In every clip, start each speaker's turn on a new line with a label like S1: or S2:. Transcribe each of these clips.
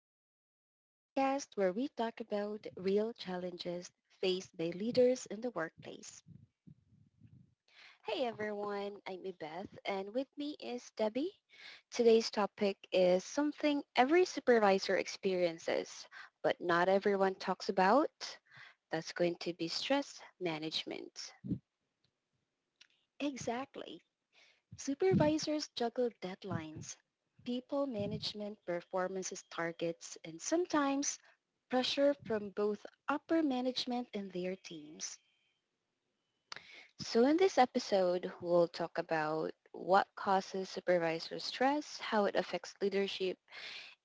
S1: Calmly, the podcast where we talk about real challenges faced by leaders in the workplace.
S2: Hey everyone, I'm Beth and with me is Debbie. Today's topic is something every supervisor experiences, but not everyone talks about. That's going to be stress management.
S1: Exactly. Supervisors juggle deadlines, people management performances targets, and sometimes pressure from both upper management and their teams.
S2: So in this episode, we'll talk about what causes supervisor stress, how it affects leadership,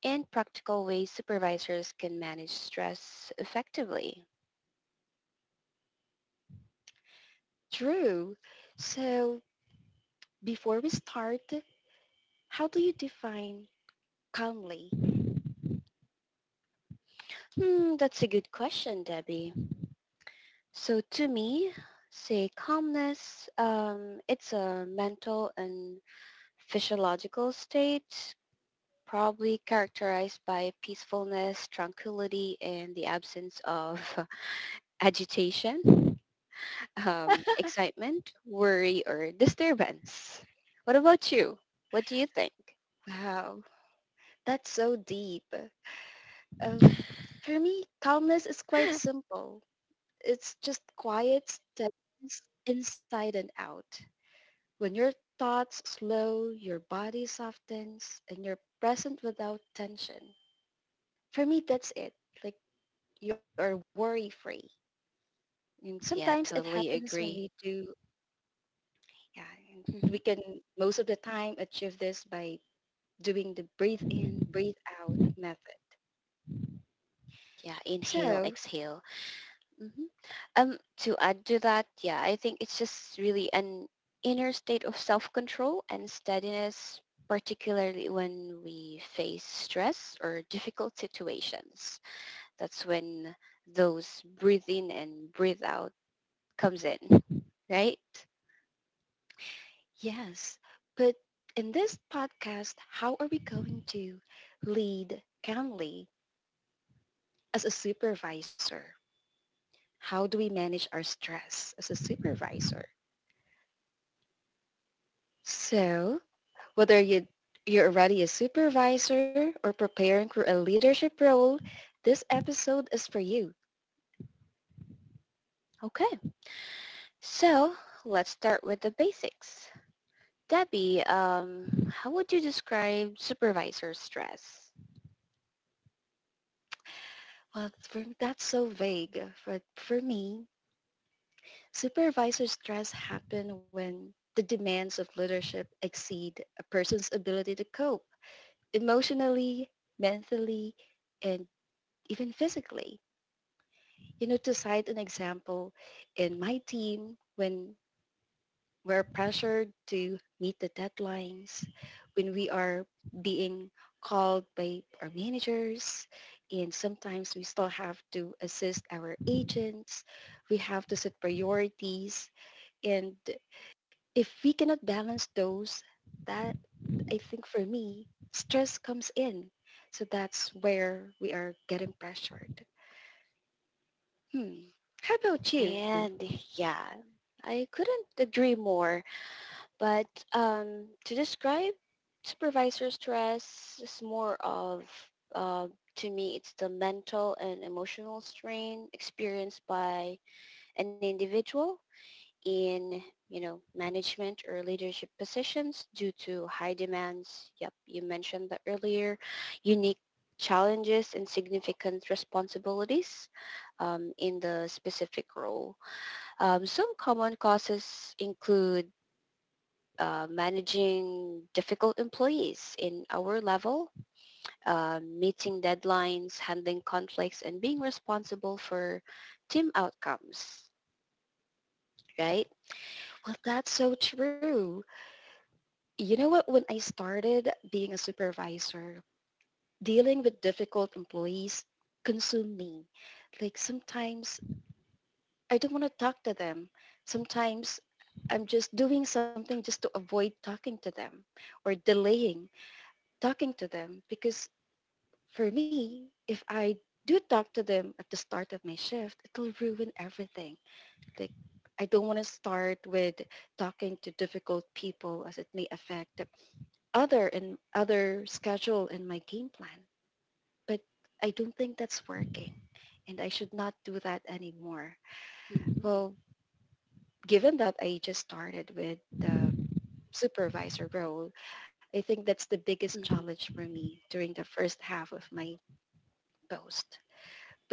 S2: and practical ways supervisors can manage stress effectively.
S1: True. So Before we start, how do you define calmly?
S2: Hmm, that's a good question, Debbie. So to me, say calmness, it's a mental and physiological state probably characterized by peacefulness, tranquility, and the absence of agitation, excitement, worry, or disturbance. What about you? What do you think?
S1: Wow, that's so deep. Um, for me, calmness is quite simple. It's just quiet steadiness inside and out. When your thoughts slow, your body softens, and you're present without tension. For me, that's it. Like you are worry-free. And
S2: Yeah,
S1: sometimes it
S2: totally
S1: happens when we
S2: agree.
S1: do, yeah, and
S2: Mhm.
S1: we can most of the time achieve this by doing the breathe in, breathe out method.
S2: Yeah, inhale,
S1: So
S2: exhale. Mhm. To add to that, yeah, I think it's just really an inner state of self-control and steadiness, particularly when we face stress or difficult situations. That's when those breathe in and breathe out comes in, right?
S1: Yes, but in this podcast, how are we going to lead calmly as a supervisor? How do we manage our stress as a supervisor? So whether you're already a supervisor or preparing for a leadership role, this episode is for you.
S2: Okay, so let's start with the basics. Debbie, how would you describe supervisor stress?
S1: Well, that's so vague. For me, supervisor stress happen when the demands of leadership exceed a person's ability to cope emotionally, mentally, and even physically. You know, to cite an example, in my team, when we're pressured to meet the deadlines, when we are being called by our managers, and sometimes we still have to assist our agents, we have to set priorities, and if we cannot balance those, that I think for me, stress comes in. So that's where we are getting pressured. Hmm. How about you?
S2: And yeah, I couldn't agree more. But to describe supervisor stress, it's more of, uh, to me, it's the mental and emotional strain experienced by an individual in, you know, management or leadership positions due to high demands. Yep, you mentioned that earlier. Unique challenges and significant responsibilities in the specific role. Some common causes include managing difficult employees in our level, meeting deadlines, handling conflicts, and being responsible for team outcomes, right?
S1: Well, that's so true. You know what? When I started being a supervisor, dealing with difficult employees consumed me. Like sometimes I don't want to talk to them. Sometimes I'm just doing something just to avoid talking to them or delaying talking to them because for me, if I do talk to them at the start of my shift, it'll ruin everything. Like I don't want to start with talking to difficult people as it may affect other and other schedule in my game plan. But I don't think that's working and I should not do that anymore.
S2: Mm-hmm.
S1: Well, given that I just started with the supervisor role, I think that's the biggest
S2: hmm
S1: challenge for me during the first half of my post.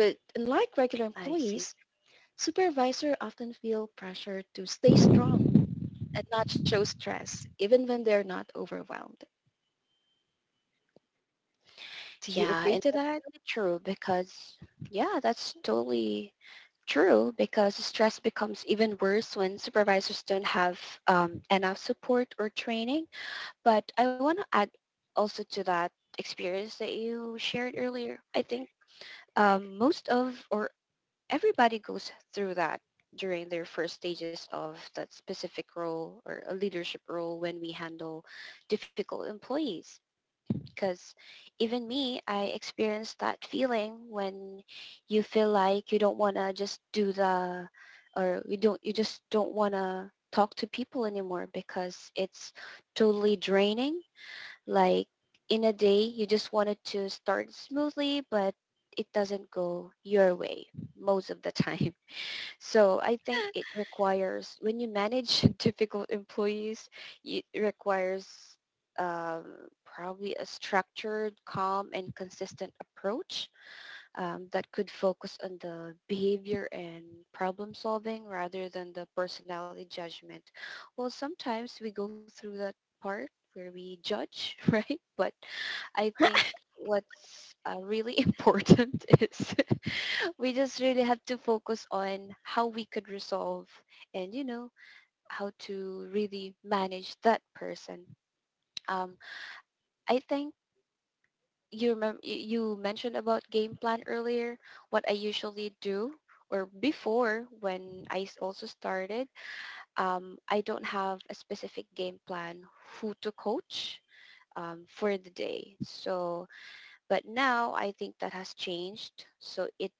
S1: But unlike regular
S2: I see.
S1: employees, supervisors often feel pressure to stay strong and not show stress, even when they're not overwhelmed. Do you
S2: Yeah,
S1: agree
S2: and
S1: to
S2: that's
S1: that?
S2: really true because, yeah, that's totally true because stress becomes even worse when supervisors don't have enough support or training. But I want to add also to that experience that you shared earlier. I think most of or everybody goes through that during their first stages of that specific role or a leadership role when we handle difficult employees because even me I experienced that feeling when you feel like you don't want to just do the or you don't you just don't want to talk to people anymore because it's totally draining. Like in a day, you just wanted to start smoothly, but it doesn't go your way most of the time. So I think it requires, when you manage difficult employees, it requires probably a structured, calm, and consistent approach that could focus on the behavior and problem solving rather than the personality judgment. Well, sometimes we go through that part where we judge, right? But I think what's really important is we just really have to focus on how we could resolve and, you know, how to really manage that person. Um, I think you remember you mentioned about game plan earlier. What I usually do or before when also started, I don't have a specific game plan who to coach for the day. So but now I think that has changed. So it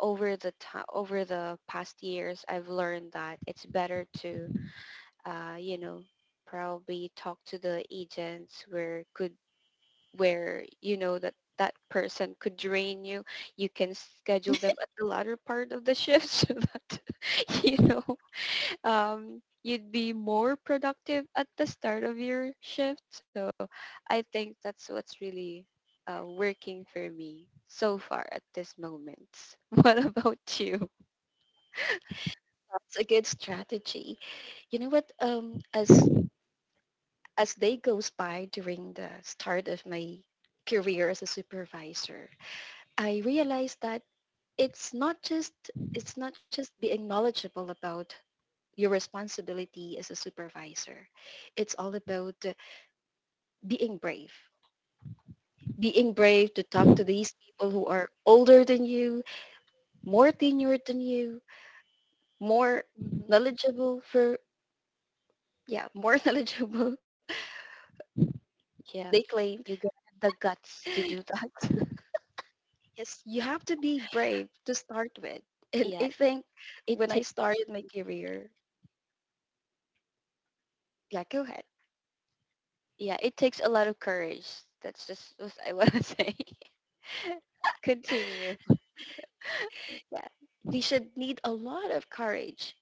S2: over the time over the past years I've learned that it's better to you know, probably talk to the agents where could where you know that that person could drain you. You can schedule them at the latter part of the shift so that you know, you'd be more productive at the start of your shift. So I think that's what's really working for me so far at this moment. What about you?
S1: That's a good strategy. You know what? As day goes by during the start of my career as a supervisor, I realized that it's not just it's not just being knowledgeable about your responsibility as a supervisor. It's all about being brave, being brave to talk to these people who are older than you, more tenured than you, more
S2: hmm
S1: knowledgeable for yeah, more knowledgeable,
S2: Yeah,
S1: they claimed.
S2: you got the guts to do that.
S1: Yes, you have to be brave to start with. And
S2: yeah,
S1: I think
S2: it
S1: when I
S2: takes
S1: started my career, yeah, go ahead.
S2: yeah, it takes a lot of courage. That's just what I want to say. Continue.
S1: Yeah. We should need a lot of courage.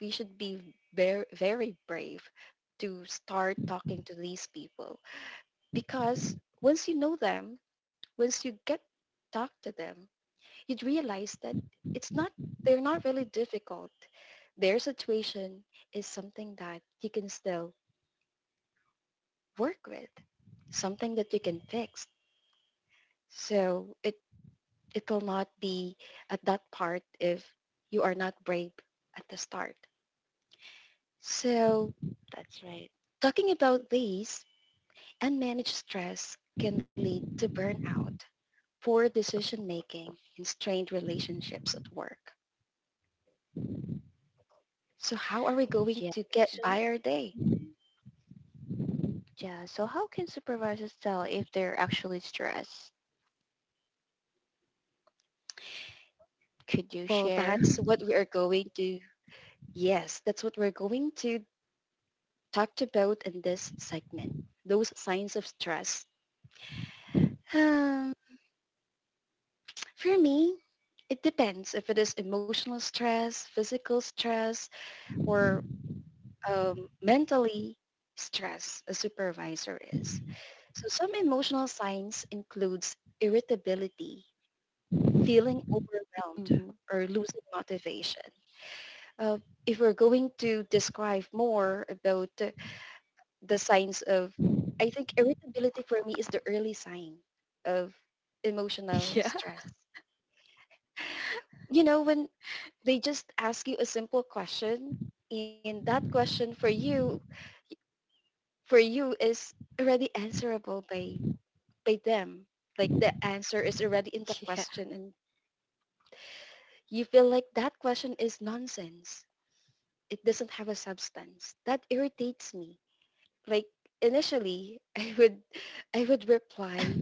S1: We should be very very brave to start talking to these people because once you know them, once you get talk to them, you'd realize that it's not they're not really difficult. Their situation is something that you can still work with, something that you can fix. So it will not be at that part if you are not brave at the start. So
S2: That's right.
S1: talking about these, unmanaged stress can lead to burnout, poor decision making, and strained relationships at work. So how are we going
S2: Yeah.
S1: to get
S2: So,
S1: by our day?
S2: Mhm. Yeah. So how can supervisors tell if they're actually stressed? Could you
S1: Well,
S2: share?
S1: that's what we are going to, yes, that's what we're going to talk about in this segment. Those signs of stress. Um, for me, it depends if it is emotional stress, physical stress, or um, mentally stress a supervisor is. So some emotional signs includes irritability, feeling overwhelmed,
S2: hmm
S1: or losing motivation. Uh, if we're going to describe more about the signs of I think irritability for me is the early sign of emotional
S2: Yeah.
S1: stress. You know, when they just ask you a simple question and that question for you is already answerable by them. Like the answer is already in the
S2: Yeah.
S1: question and you feel like that question is nonsense. It doesn't have a substance. That irritates me. Like initially I would reply,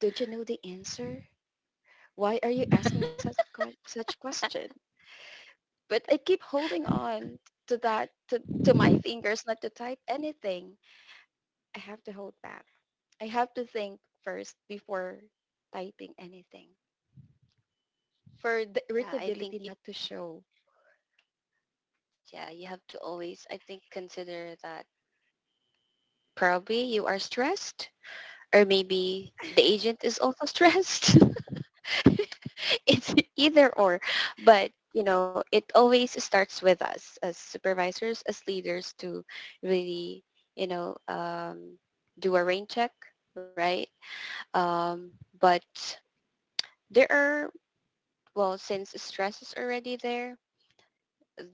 S1: don't you know the answer? Why are you asking such que- such question? But I keep holding on to that to my fingers not to type anything. I have to hold back. I have to think first before typing anything for the
S2: Yeah. I think,
S1: irritability not to show.
S2: yeah, you have to always, I think, consider that probably you are stressed or maybe the agent is also stressed. It's either or. But you know, it always starts with us as supervisors as leaders to really, you know, do a rain check, right? um, but there are, well, since stress is already there,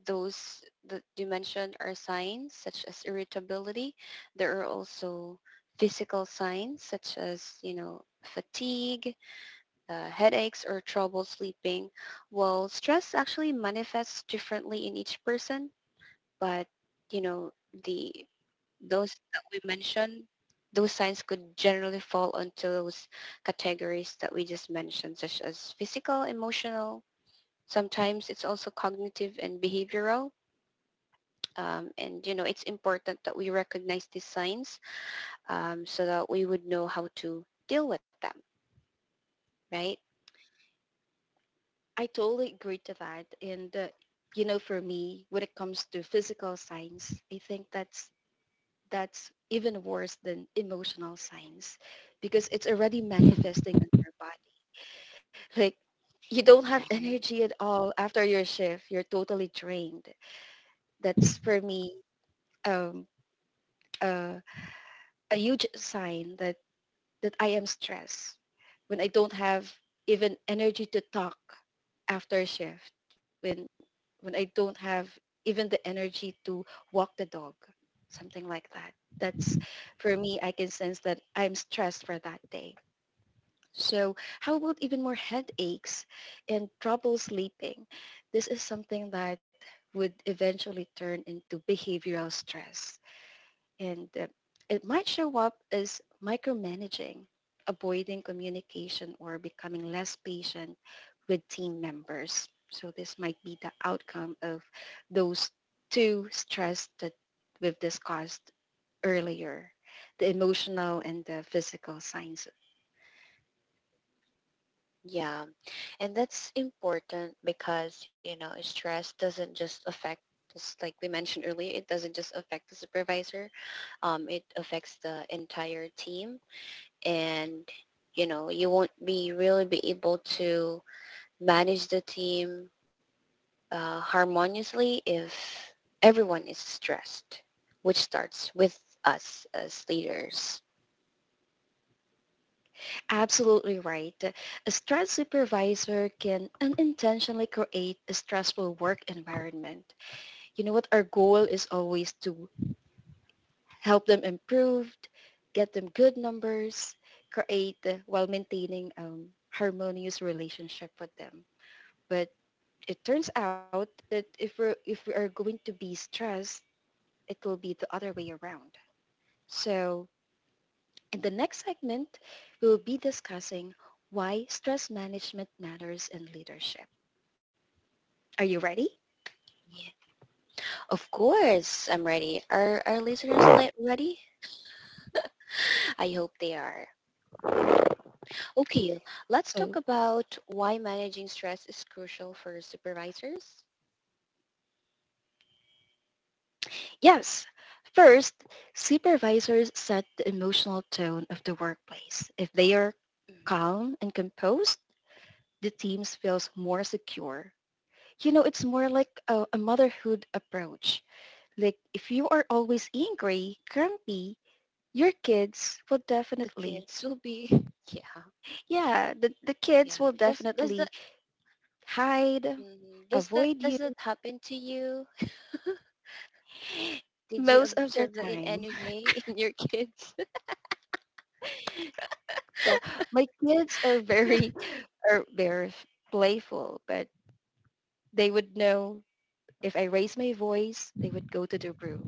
S2: those that you mentioned are signs such as irritability. There are also physical signs such as, you know, fatigue, headaches or trouble sleeping. Well, stress actually manifests differently in each person, but you know, the those that we mentioned, those signs could generally fall into those categories that we just mentioned, such as physical, emotional. Sometimes it's also cognitive and behavioral. And you know, it's important that we recognize these signs so that we would know how to deal with them, right?
S1: I totally agree to that. And you know, for me, when it comes to physical signs, I think that's even worse than emotional signs because it's already manifesting on your body. Like you don't have
S2: Right.
S1: energy at all after your shift. You're totally drained. That's for me um, uh, a huge sign that I am stressed when I don't have even energy to talk after shift, when I don't have even the energy to walk the dog, something like that. That's for me, I can sense that I'm stressed for that day. So how about even more headaches and trouble sleeping? This is something that would eventually turn into behavioral stress. And it might show up as micromanaging, avoiding communication, or becoming less patient with team members. So this might be the outcome of those two stress that we've discussed earlier, the emotional and the physical signs.
S2: Yeah. And that's important because, you know, stress doesn't just affect, just like we mentioned earlier, it doesn't just affect the supervisor. It affects the entire team and you know, you won't be really be able to manage the team harmoniously if everyone is stressed, which starts with us as leaders.
S1: Absolutely right. A stress supervisor can unintentionally create a stressful work environment. You know what? Our goal is always to help them improve, get them good numbers, create while maintaining harmonious relationship with them. But it turns out that if we are going to be stressed, it will be the other way around. So in the next segment, we will be discussing why stress management matters in leadership. Are you ready?
S2: Yeah. Of course, I'm ready. Are our listeners ready? I hope they are. Okay, let's
S1: So,
S2: talk about why managing stress is crucial for supervisors.
S1: yes. First, supervisors set the emotional tone of the workplace. If they are
S2: Mhm.
S1: calm and composed, the team feels more secure. You know, it's more like a motherhood approach. Like if you are always angry, grumpy, your kids will
S2: The
S1: definitely,
S2: kids will be, yeah,
S1: yeah, the
S2: yeah.
S1: kids will
S2: Does that
S1: definitely hide,
S2: mhm.
S1: avoid
S2: Does
S1: you
S2: that happen to you? Did you
S1: most of
S2: observe
S1: the
S2: that in any
S1: time.
S2: way in your kids?
S1: Well, my kids are very playful, but they would know if I raise my voice, they would go to the room.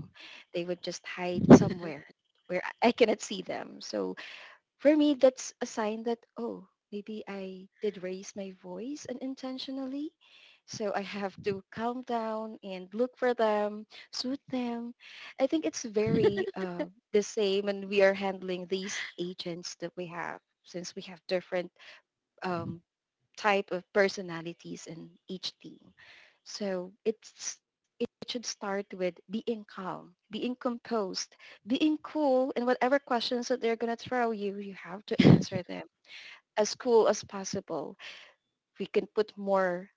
S1: They would just hide somewhere where I cannot see them. So for me, that's a sign that, oh, maybe I did raise my voice unintentionally. So I have to calm down and look for them, soothe them. I think it's very the same and we are handling these agents that we have since we have different um, type of personalities in each team. So it should start with being calm, being composed, being cool, and whatever questions that they're gonna throw you, you have to answer them as cool as possible. We can put more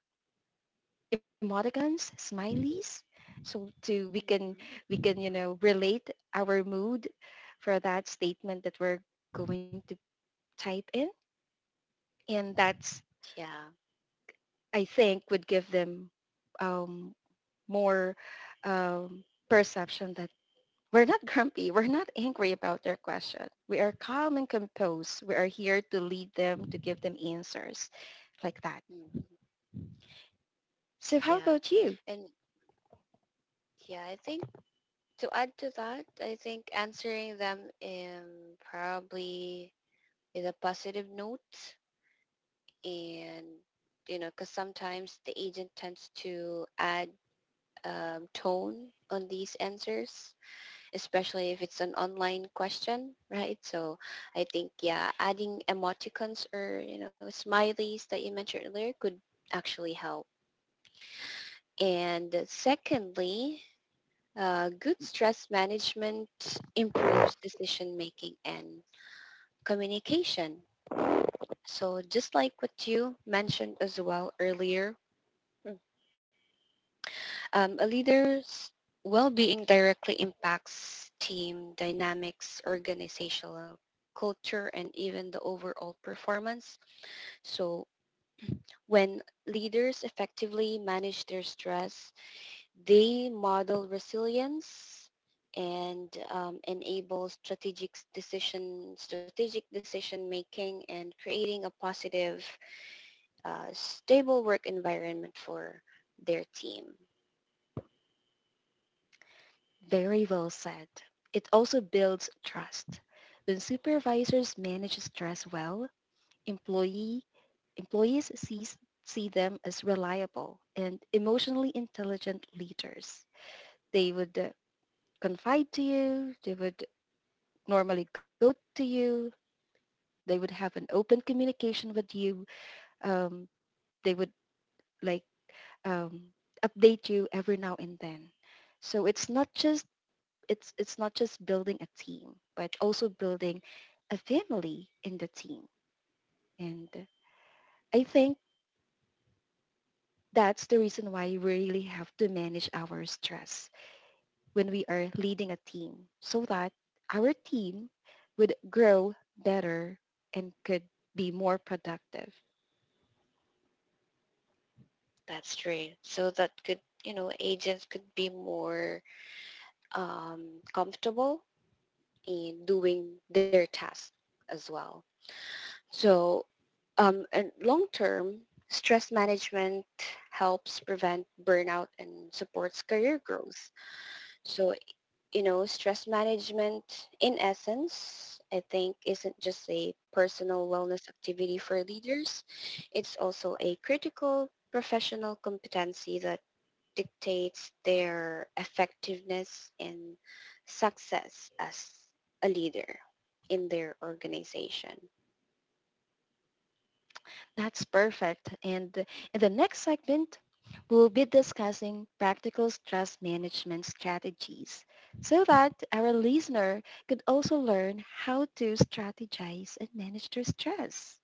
S1: emoticons, smileys, so to we
S2: Mhm.
S1: can you know relate our mood for that statement that we're going to type in, and that's
S2: Yeah,
S1: I think would give them um, more um, perception that we're not grumpy. We're not angry about their question. We are calm and composed. We are here to lead them, to give them answers like that.
S2: Mhm.
S1: So how
S2: Yeah,
S1: about you?
S2: and yeah. I think to add to that, I think answering them probably with a positive note and you know because sometimes the agent tends to add tone on these answers, especially if it's an online question, right? So I think yeah, adding emoticons or you know smileys that you mentioned earlier could actually help. And secondly, good stress management improves decision making and communication. So just like what you mentioned as well earlier, um, a leader's well-being directly impacts team dynamics, organizational culture, and even the overall performance. So when leaders effectively manage their stress, they model resilience and enable strategic decision making and creating a positive, stable work environment for their team.
S1: Very well said. It also builds trust. When supervisors manage stress well, employee employees see them as reliable and emotionally intelligent leaders. They would confide to you. They would normally go to you. They would have an open communication with you. Um, they would like um, update you every now and then. So it's not just building a team, but also building a family in the team. And I think that's the reason why we really have to manage our stress when we are leading a team so that our team would grow better and could be more productive.
S2: That's true. So that could, you know, agents could be more um, comfortable in doing their task as well. So, and long term, stress management helps prevent burnout and supports career growth. So you know, stress management in essence, I think isn't just a personal wellness activity for leaders. It's also a critical professional competency that dictates their effectiveness and success as a leader in their organization.
S1: That's perfect. And in the next segment, we'll be discussing practical stress management strategies so that our listener could also learn how to strategize and manage their stress.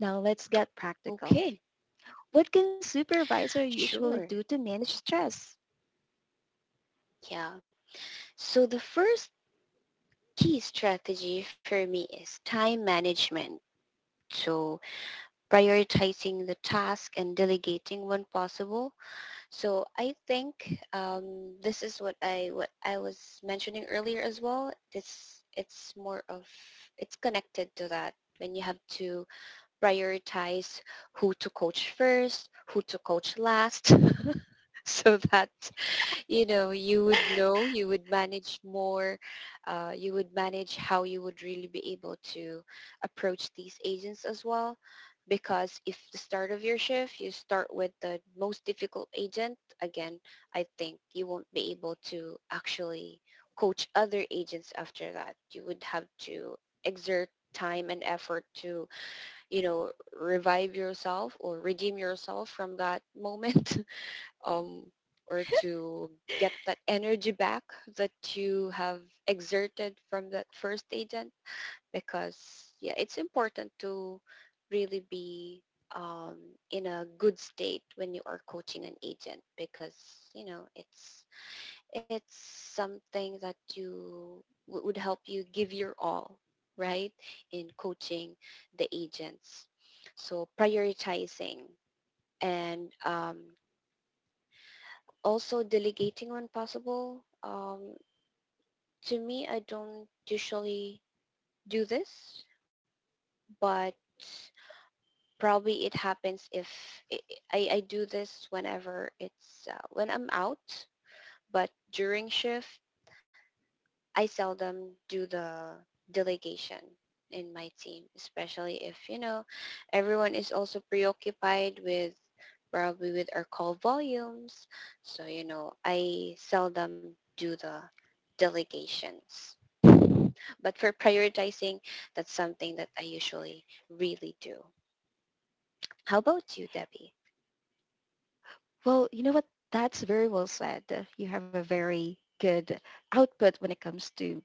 S1: Now let's get practical.
S2: Okay,
S1: What can supervisor usually
S2: sure.
S1: do to manage stress?
S2: Yeah. So the first key strategy for me is time management. So prioritizing the task and delegating when possible. So I think this is what I was mentioning earlier as well. This It's more of, it's connected to that. When you have to prioritize who to coach first, who to coach last, so that you know, you would know, you would manage more, you would manage how you would really be able to approach these agents as well. Because if the start of your shift you start with the most difficult agent again, I think you won't be able to actually coach other agents after that. You would have to exert time and effort to, you know, revive yourself or redeem yourself from that moment, um, or to get that energy back that you have exerted from that first agent, because yeah, it's important to really be um, in a good state when you are coaching an agent because you know, it's it's something that you would help you give your all, right, in coaching the agents. So prioritizing and also delegating when possible. To me, I don't usually do this, but probably it happens if I, I do this whenever it's when I'm out. But during shift, I seldom do the delegation in my team, especially if, you know, everyone is also preoccupied with probably with our call volumes. So, you know, I seldom do the delegations. But for prioritizing, that's something that I usually really do. How about you, Debbie?
S1: Well, you know what? That's very well said. You have a very good output when it comes to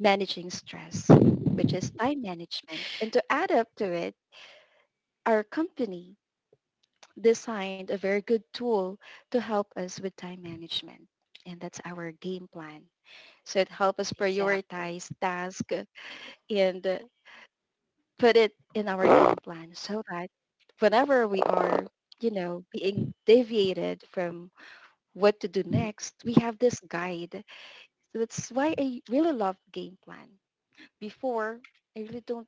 S1: managing stress, which is time management. And to add up to it, our company designed a very good tool to help us with time management, and that's our game plan. So it helps us
S2: Exactly.
S1: prioritize tasks and put it in our game plan so that whenever we are, you know, being deviated from what to do
S2: Mhm.
S1: next, we have this guide. So that's why I really love game plan. Before, I really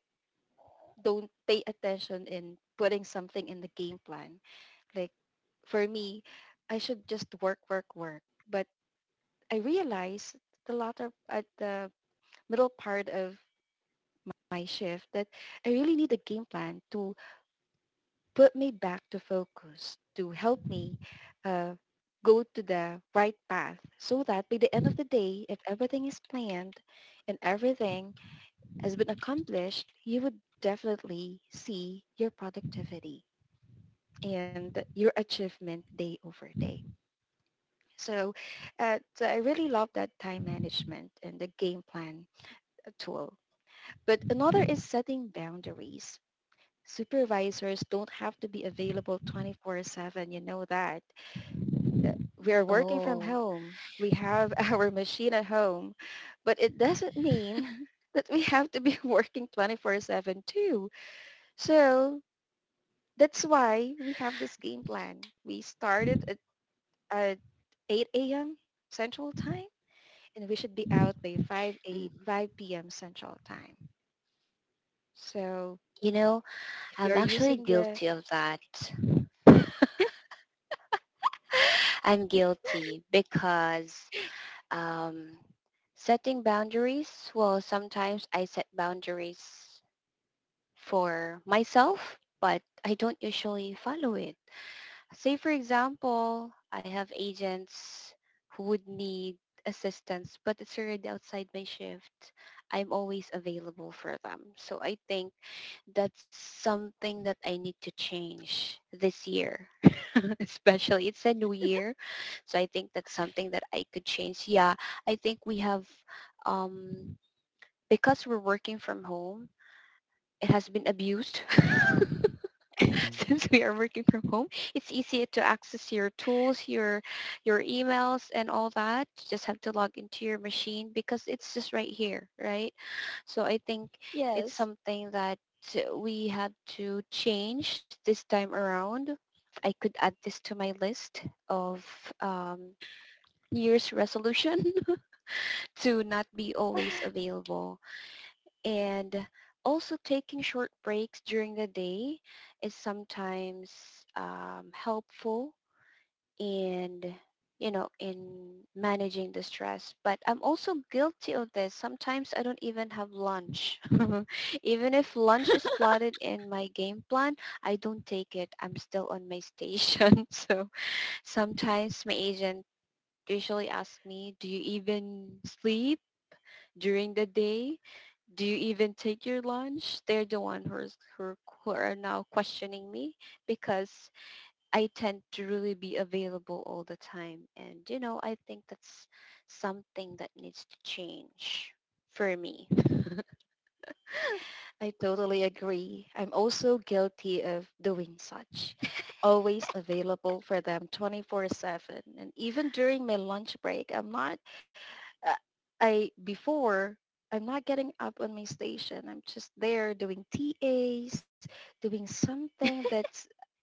S1: don't pay attention in putting something in the game plan. Like for me, I should just work, work, work. But I realized the latter at the middle part of my shift that I really need a game plan to put me back to focus, to help me uh, go to the right path so that by the end of the day, if everything is planned and everything has been accomplished, you would definitely see your productivity and your achievement day over day. So, so I really love that time management and the game plan tool. But another is setting boundaries. Supervisors don't have to be available 24/7. You know that. Uh, We are working from
S2: Oh,
S1: home. We have our machine at home, but it doesn't mean that we have to be working 24/7 too. So that's why we have this game plan. We started at 8 a.m. Central Time and we should be out by
S2: mhm.
S1: 5 p.m. Central Time. So
S2: You know,
S1: if
S2: I'm
S1: you're
S2: actually
S1: using the
S2: guilty of that. I'm guilty because um, setting boundaries, well, sometimes I set boundaries for myself, but I don't usually follow it. Say, for example, I have agents who would need assistance, but it's already outside my shift. I'm always available for them. So I think that's something that I need to change this year. Especially it's a new year, so I think that's something that I could change. Yeah, I think we have um because we're working from home, it has been abused. Since we are working from home, it's easier to access your tools, your emails and all that. You just have to log into your machine because it's just right here, right? So I think it's
S1: yes,
S2: something that we had to change this time around. I could add this to my list of um, New year's resolution to not be always available and also taking short breaks during the day is sometimes helpful in, you know, in managing the stress. But I'm also guilty of this. Sometimes I don't even have lunch. Even if lunch is plotted in my game plan, I don't take it. I'm still on my station. So sometimes my agent usually asks me, do you even sleep during the day? Do you even take your lunch? They're the one who are now questioning me because I tend to really be available all the time. And, you know, I think that's something that needs to change for me.
S1: I totally agree. I'm also guilty of doing such. Always available for them 24/7, and even during my lunch break, I'm not uh, I before I'm not getting up on my station. I'm just there doing TAs, doing something that's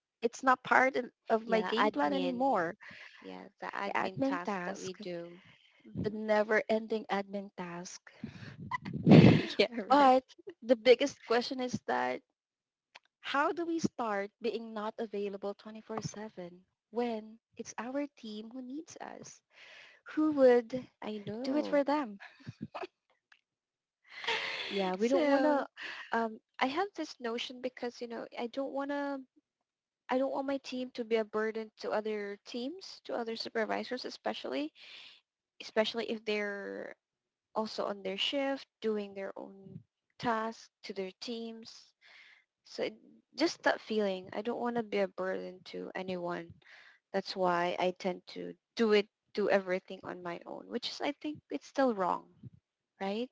S1: it's not part of my
S2: Yeah,
S1: game plan
S2: admin.
S1: anymore.
S2: Yeah, the admin
S1: Admin
S2: tasks that we
S1: task,
S2: do.
S1: the
S2: Mhm.
S1: never-ending admin task.
S2: Yeah, right.
S1: But the biggest question is that how do we start being not available 24/7 when it's our team who needs us? Who would
S2: I
S1: do it for
S2: know.
S1: them?
S2: Yeah, we don't want
S1: So,
S2: to. I have this notion because, you know, I don't want my team to be a burden to other teams, to other supervisors especially, especially if they're also on their shift, doing their own tasks to their teams. So just that feeling. I don't want to be a burden to anyone. That's why I tend to do everything on my own, which is I think it's still wrong, right?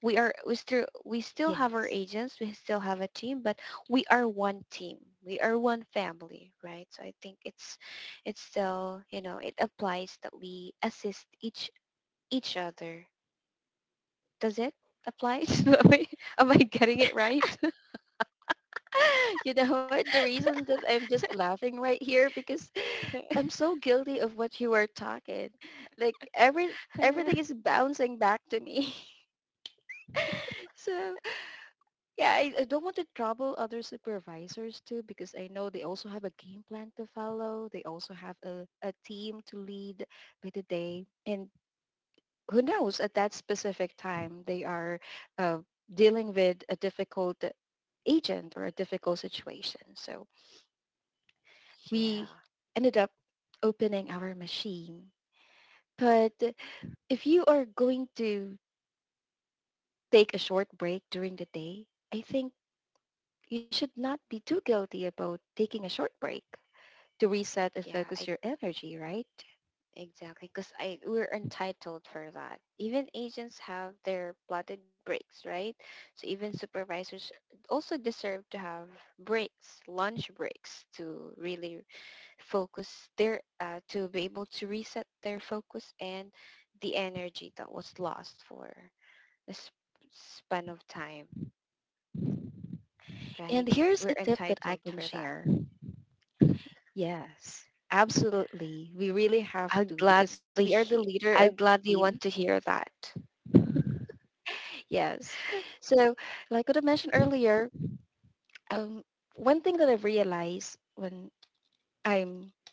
S2: We still have
S1: yes.
S2: our agents, we still have a team, but we are one team. We are one family, right? So I think it's still, you know, it applies that we assist each other. Does it apply? Am I getting it right?
S1: You know what? The reason that I'm just laughing right here because I'm so guilty of what you were talking. Like everything is bouncing back to me. So yeah, I don't want to trouble other supervisors too because I know they also have a game plan to follow. They also have a team to lead by the day. And who knows, at that specific time, they are uh, dealing with a difficult agent or a difficult situation. So
S2: Yeah.
S1: we ended up opening our machine. But if you are going to take a short break during the day, I think you should not be too guilty about taking a short break to reset and
S2: Yeah,
S1: focus
S2: I
S1: your energy, right?
S2: exactly because I we're entitled for that. Even agents have their plotted breaks, right? So even supervisors also deserve to have breaks, lunch breaks, to really focus their to be able to reset their focus and the energy that was lost for a sp- span of time,
S1: And
S2: right?
S1: here's a
S2: We're
S1: tip that I
S2: entitled
S1: can
S2: for that.
S1: share. Yes, absolutely. We really have
S2: I would
S1: to because
S2: gladly,
S1: we are the
S2: he-
S1: leader
S2: I
S1: of
S2: would
S1: the
S2: gladly want
S1: team.
S2: to hear that.
S1: Yes. So like what I mentioned earlier, um, one thing that I've realized when I'm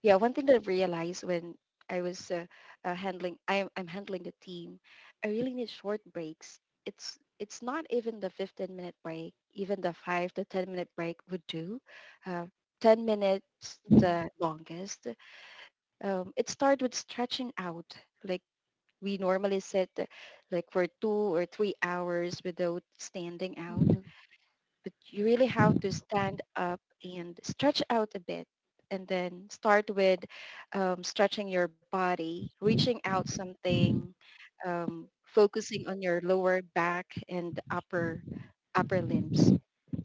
S1: Yeah, one thing that I realized when I was I'm handling the team. I really need short breaks. It's not even the 15-minute break, even the five to 10 minute break would do. Uh, 10 minutes
S2: Mhm,
S1: the longest. It started with stretching out, like we normally sit like for 2 or 3 hours without standing
S2: mhm,
S1: out, but you really have to stand up and stretch out a bit, and then start with stretching your body, reaching out something, um, focusing on your lower back and upper limbs.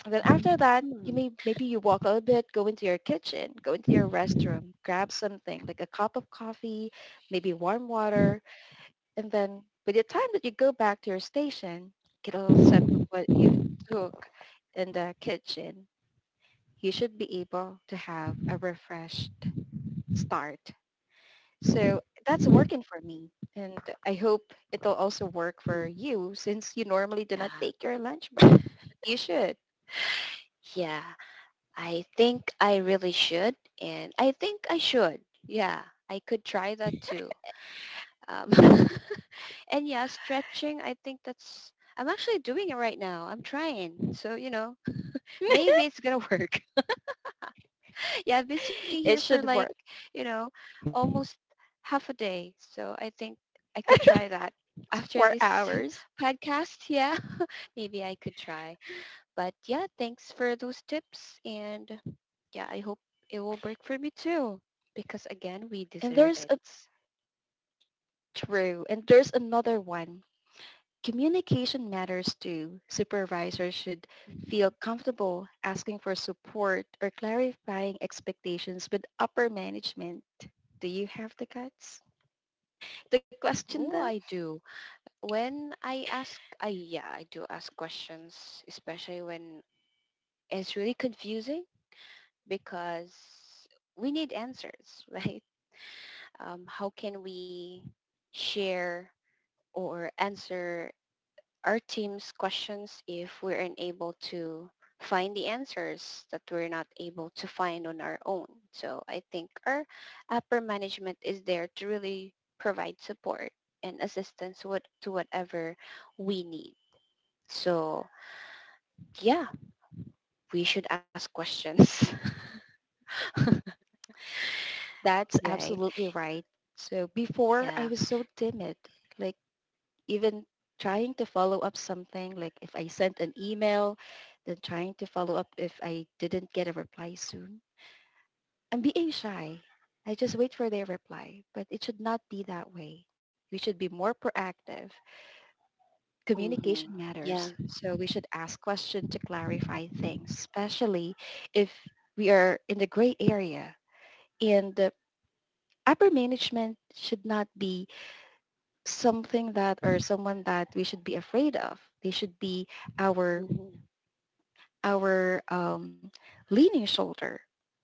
S1: And then after that, you
S2: mhm,
S1: may maybe you walk a little bit, go into your kitchen, go into your restroom, grab something like a cup of coffee, maybe warm water, and then by the time that you go back to your station, get a little sip of what you've took in the kitchen, you should be able to have a refreshed start. So that's working for me. And I hope it'll also work for
S2: mhm.
S1: you since you normally do not
S2: Yeah.
S1: take your lunch break. But you should.
S2: Yeah. I think I really should. And I think I should. Yeah. I could try that too. Um, and yeah, stretching, I think that's, I'm actually doing it right now. I'm trying. So, you know, maybe it's going to work. Yeah. I've been sitting here
S1: It
S2: for
S1: should
S2: like,
S1: work.
S2: you know, almost half a day. So I think I could try that
S1: It's
S2: after
S1: four
S2: this
S1: hours.
S2: podcast. Yeah. Maybe I could try. But yeah, thanks for those tips. And yeah, I hope it will work for me too. Because again, we
S1: And
S2: deserve
S1: there's
S2: it.
S1: a true. And there's another one. Communication matters too. Supervisors should feel
S2: Mhm.
S1: comfortable asking for support or clarifying expectations with upper management. Do you have the guts to question
S2: Oh,
S1: them?
S2: I do. When I ask, I Yeah, I do ask questions, especially when it's really confusing because we need answers, right? How can we share or answer our team's questions if we're unable to find the answers that we're not able to find on our own. So I think our upper management is there to really provide support and assistance to whatever we need. So yeah, we should ask questions,
S1: That's
S2: right?
S1: absolutely right. So before I was
S2: Yeah.
S1: so timid, like even trying to follow up something, like if I sent an email, then trying to follow up if I didn't get a reply soon. I'm being shy. I just wait for their reply, but it should not be that way. We should be more proactive. Communication
S2: Hmm.
S1: matters,
S2: Yeah.
S1: so we should ask questions to clarify things, especially if we are in the gray area. And the upper management should not be something that or someone that we should be afraid of. They should be our
S2: Hmm.
S1: our leaning shoulder.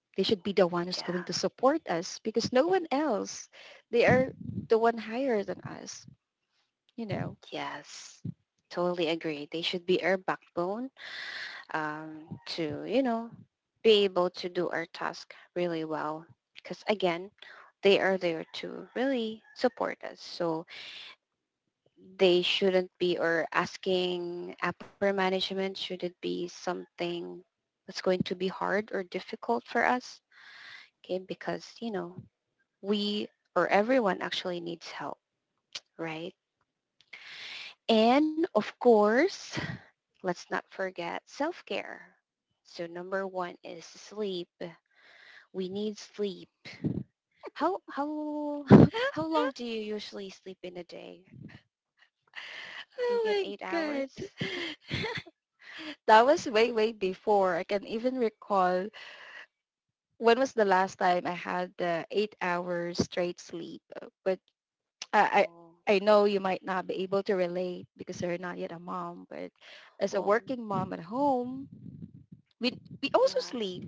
S1: They should be the one who's going to
S2: Yeah.
S1: support us because no one else. They are the one higher than us, you know.
S2: Yes. Totally agree. They should be our backbone to, you know, be able to do our task really well. Because again, they are there to really support us. So they shouldn't be or asking upper management should it be something that's going to be hard or difficult for us. Okay, because, you know, we or everyone actually needs help, right? And of course, let's not forget self-care. So number one is sleep. We need sleep. How how long do you usually sleep in a day? Do you get
S1: Oh my
S2: eight
S1: god.
S2: hours?
S1: That was way, way before. I can even recall when was the last time I had the 8 hours straight sleep. But I,
S2: Oh,
S1: I know you might not be able to relate because you're not yet a mom, but as a
S2: oh,
S1: working mom at home, we we also
S2: yeah,
S1: sleep.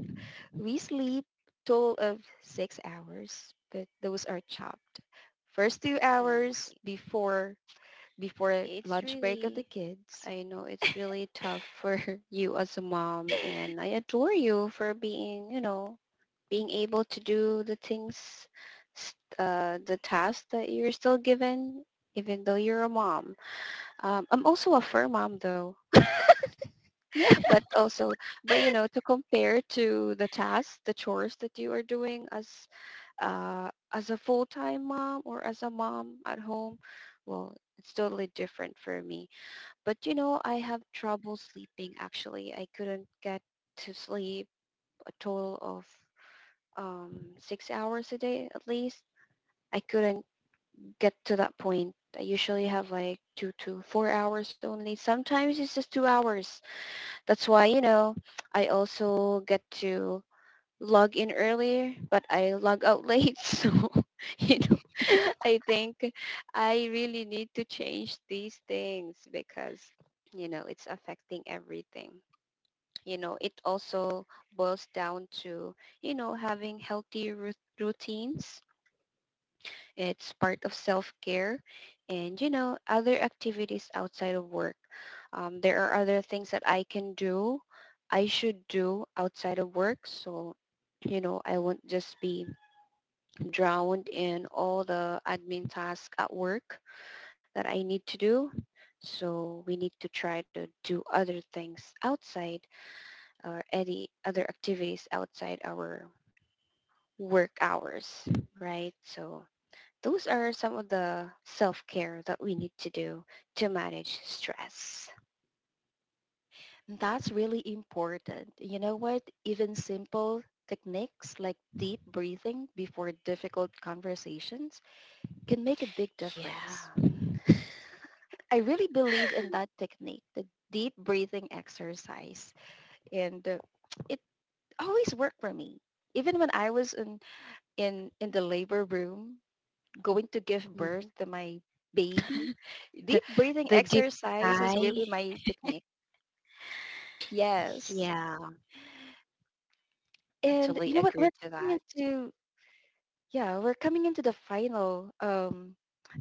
S1: We sleep total of 6 hours, but those are chopped. First two
S2: I
S1: hours
S2: see.
S1: before
S2: It's
S1: lunch break of the
S2: really,
S1: kids.
S2: I know it's really tough for you as a mom, and I adore you for being, you know, being able to do the things, the tasks that you're still given, even though you're a mom. I'm also a fur mom though. But also but you know to compare to the tasks the chores that you are doing as a full-time mom or as a mom at home, well it's totally different for me, but you know I have trouble sleeping actually I couldn't get to sleep a total of 6 hours a day at least, I couldn't get to that point, I usually have like 2 to 4 hours only, sometimes it's just 2 hours. That's why, you know, I also get to log in earlier, but I log out late. So, you know, I think I really need to change these things because, you know, it's affecting everything. You know, it also boils down to, you know, having healthy routines, it's part of self-care and, you know, other activities outside of work. There are other things that I should do outside of work. So, you know, I won't just be drowned in all the admin tasks at work that I need to do. So we need to try to do other things outside or any other activities outside our work hours, right? So those are some of the self-care that we need to do to manage stress.
S1: That's really important. You know what? Even simple techniques like deep breathing before difficult conversations can make a big difference.
S2: Yeah.
S1: I really believe in that technique, the deep breathing exercise. And it always worked for me. Even when I was in the labor room going to give birth
S2: Mhm.
S1: to my baby, deep
S2: The
S1: breathing
S2: the deep
S1: exercise is
S2: sigh.
S1: really my technique. Yes.
S2: Yeah, I
S1: And
S2: totally
S1: you know what?
S2: agree to that.
S1: Yeah, we're coming into the final,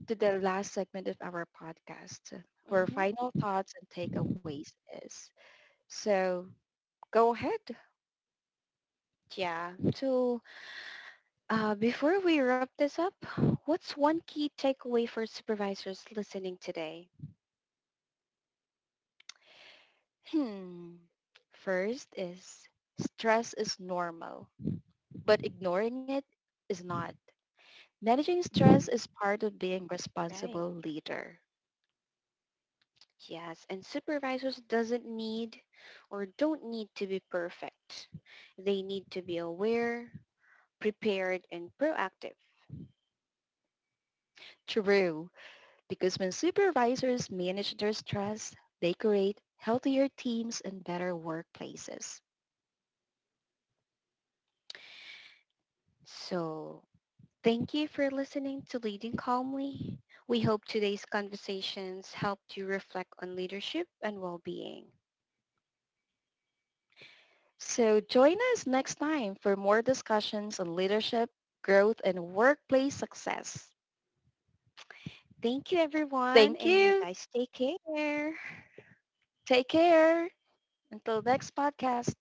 S1: to the last segment of our podcast where
S2: Hmm.
S1: final thoughts and takeaways is. So go ahead.
S2: Yeah. So before we wrap this up, what's one key takeaway for supervisors listening today?
S1: Hmm. First is stress is normal, but ignoring it is not. Managing
S2: Mhm.
S1: stress is part of being a
S2: Right.
S1: responsible leader.
S2: Yes, and supervisors doesn't need or don't need to be perfect. They need to be aware, prepared, and proactive.
S1: True, because when supervisors manage their stress, they create healthier teams and better workplaces.
S2: So thank you for listening to Leading Calmly. We hope today's conversations helped you reflect on leadership and well-being.
S1: So join us next time for more discussions on leadership, growth, and workplace success.
S2: Thank you, everyone,
S1: Thank
S2: and you
S1: you.
S2: guys take care.
S1: Take care. Until next podcast.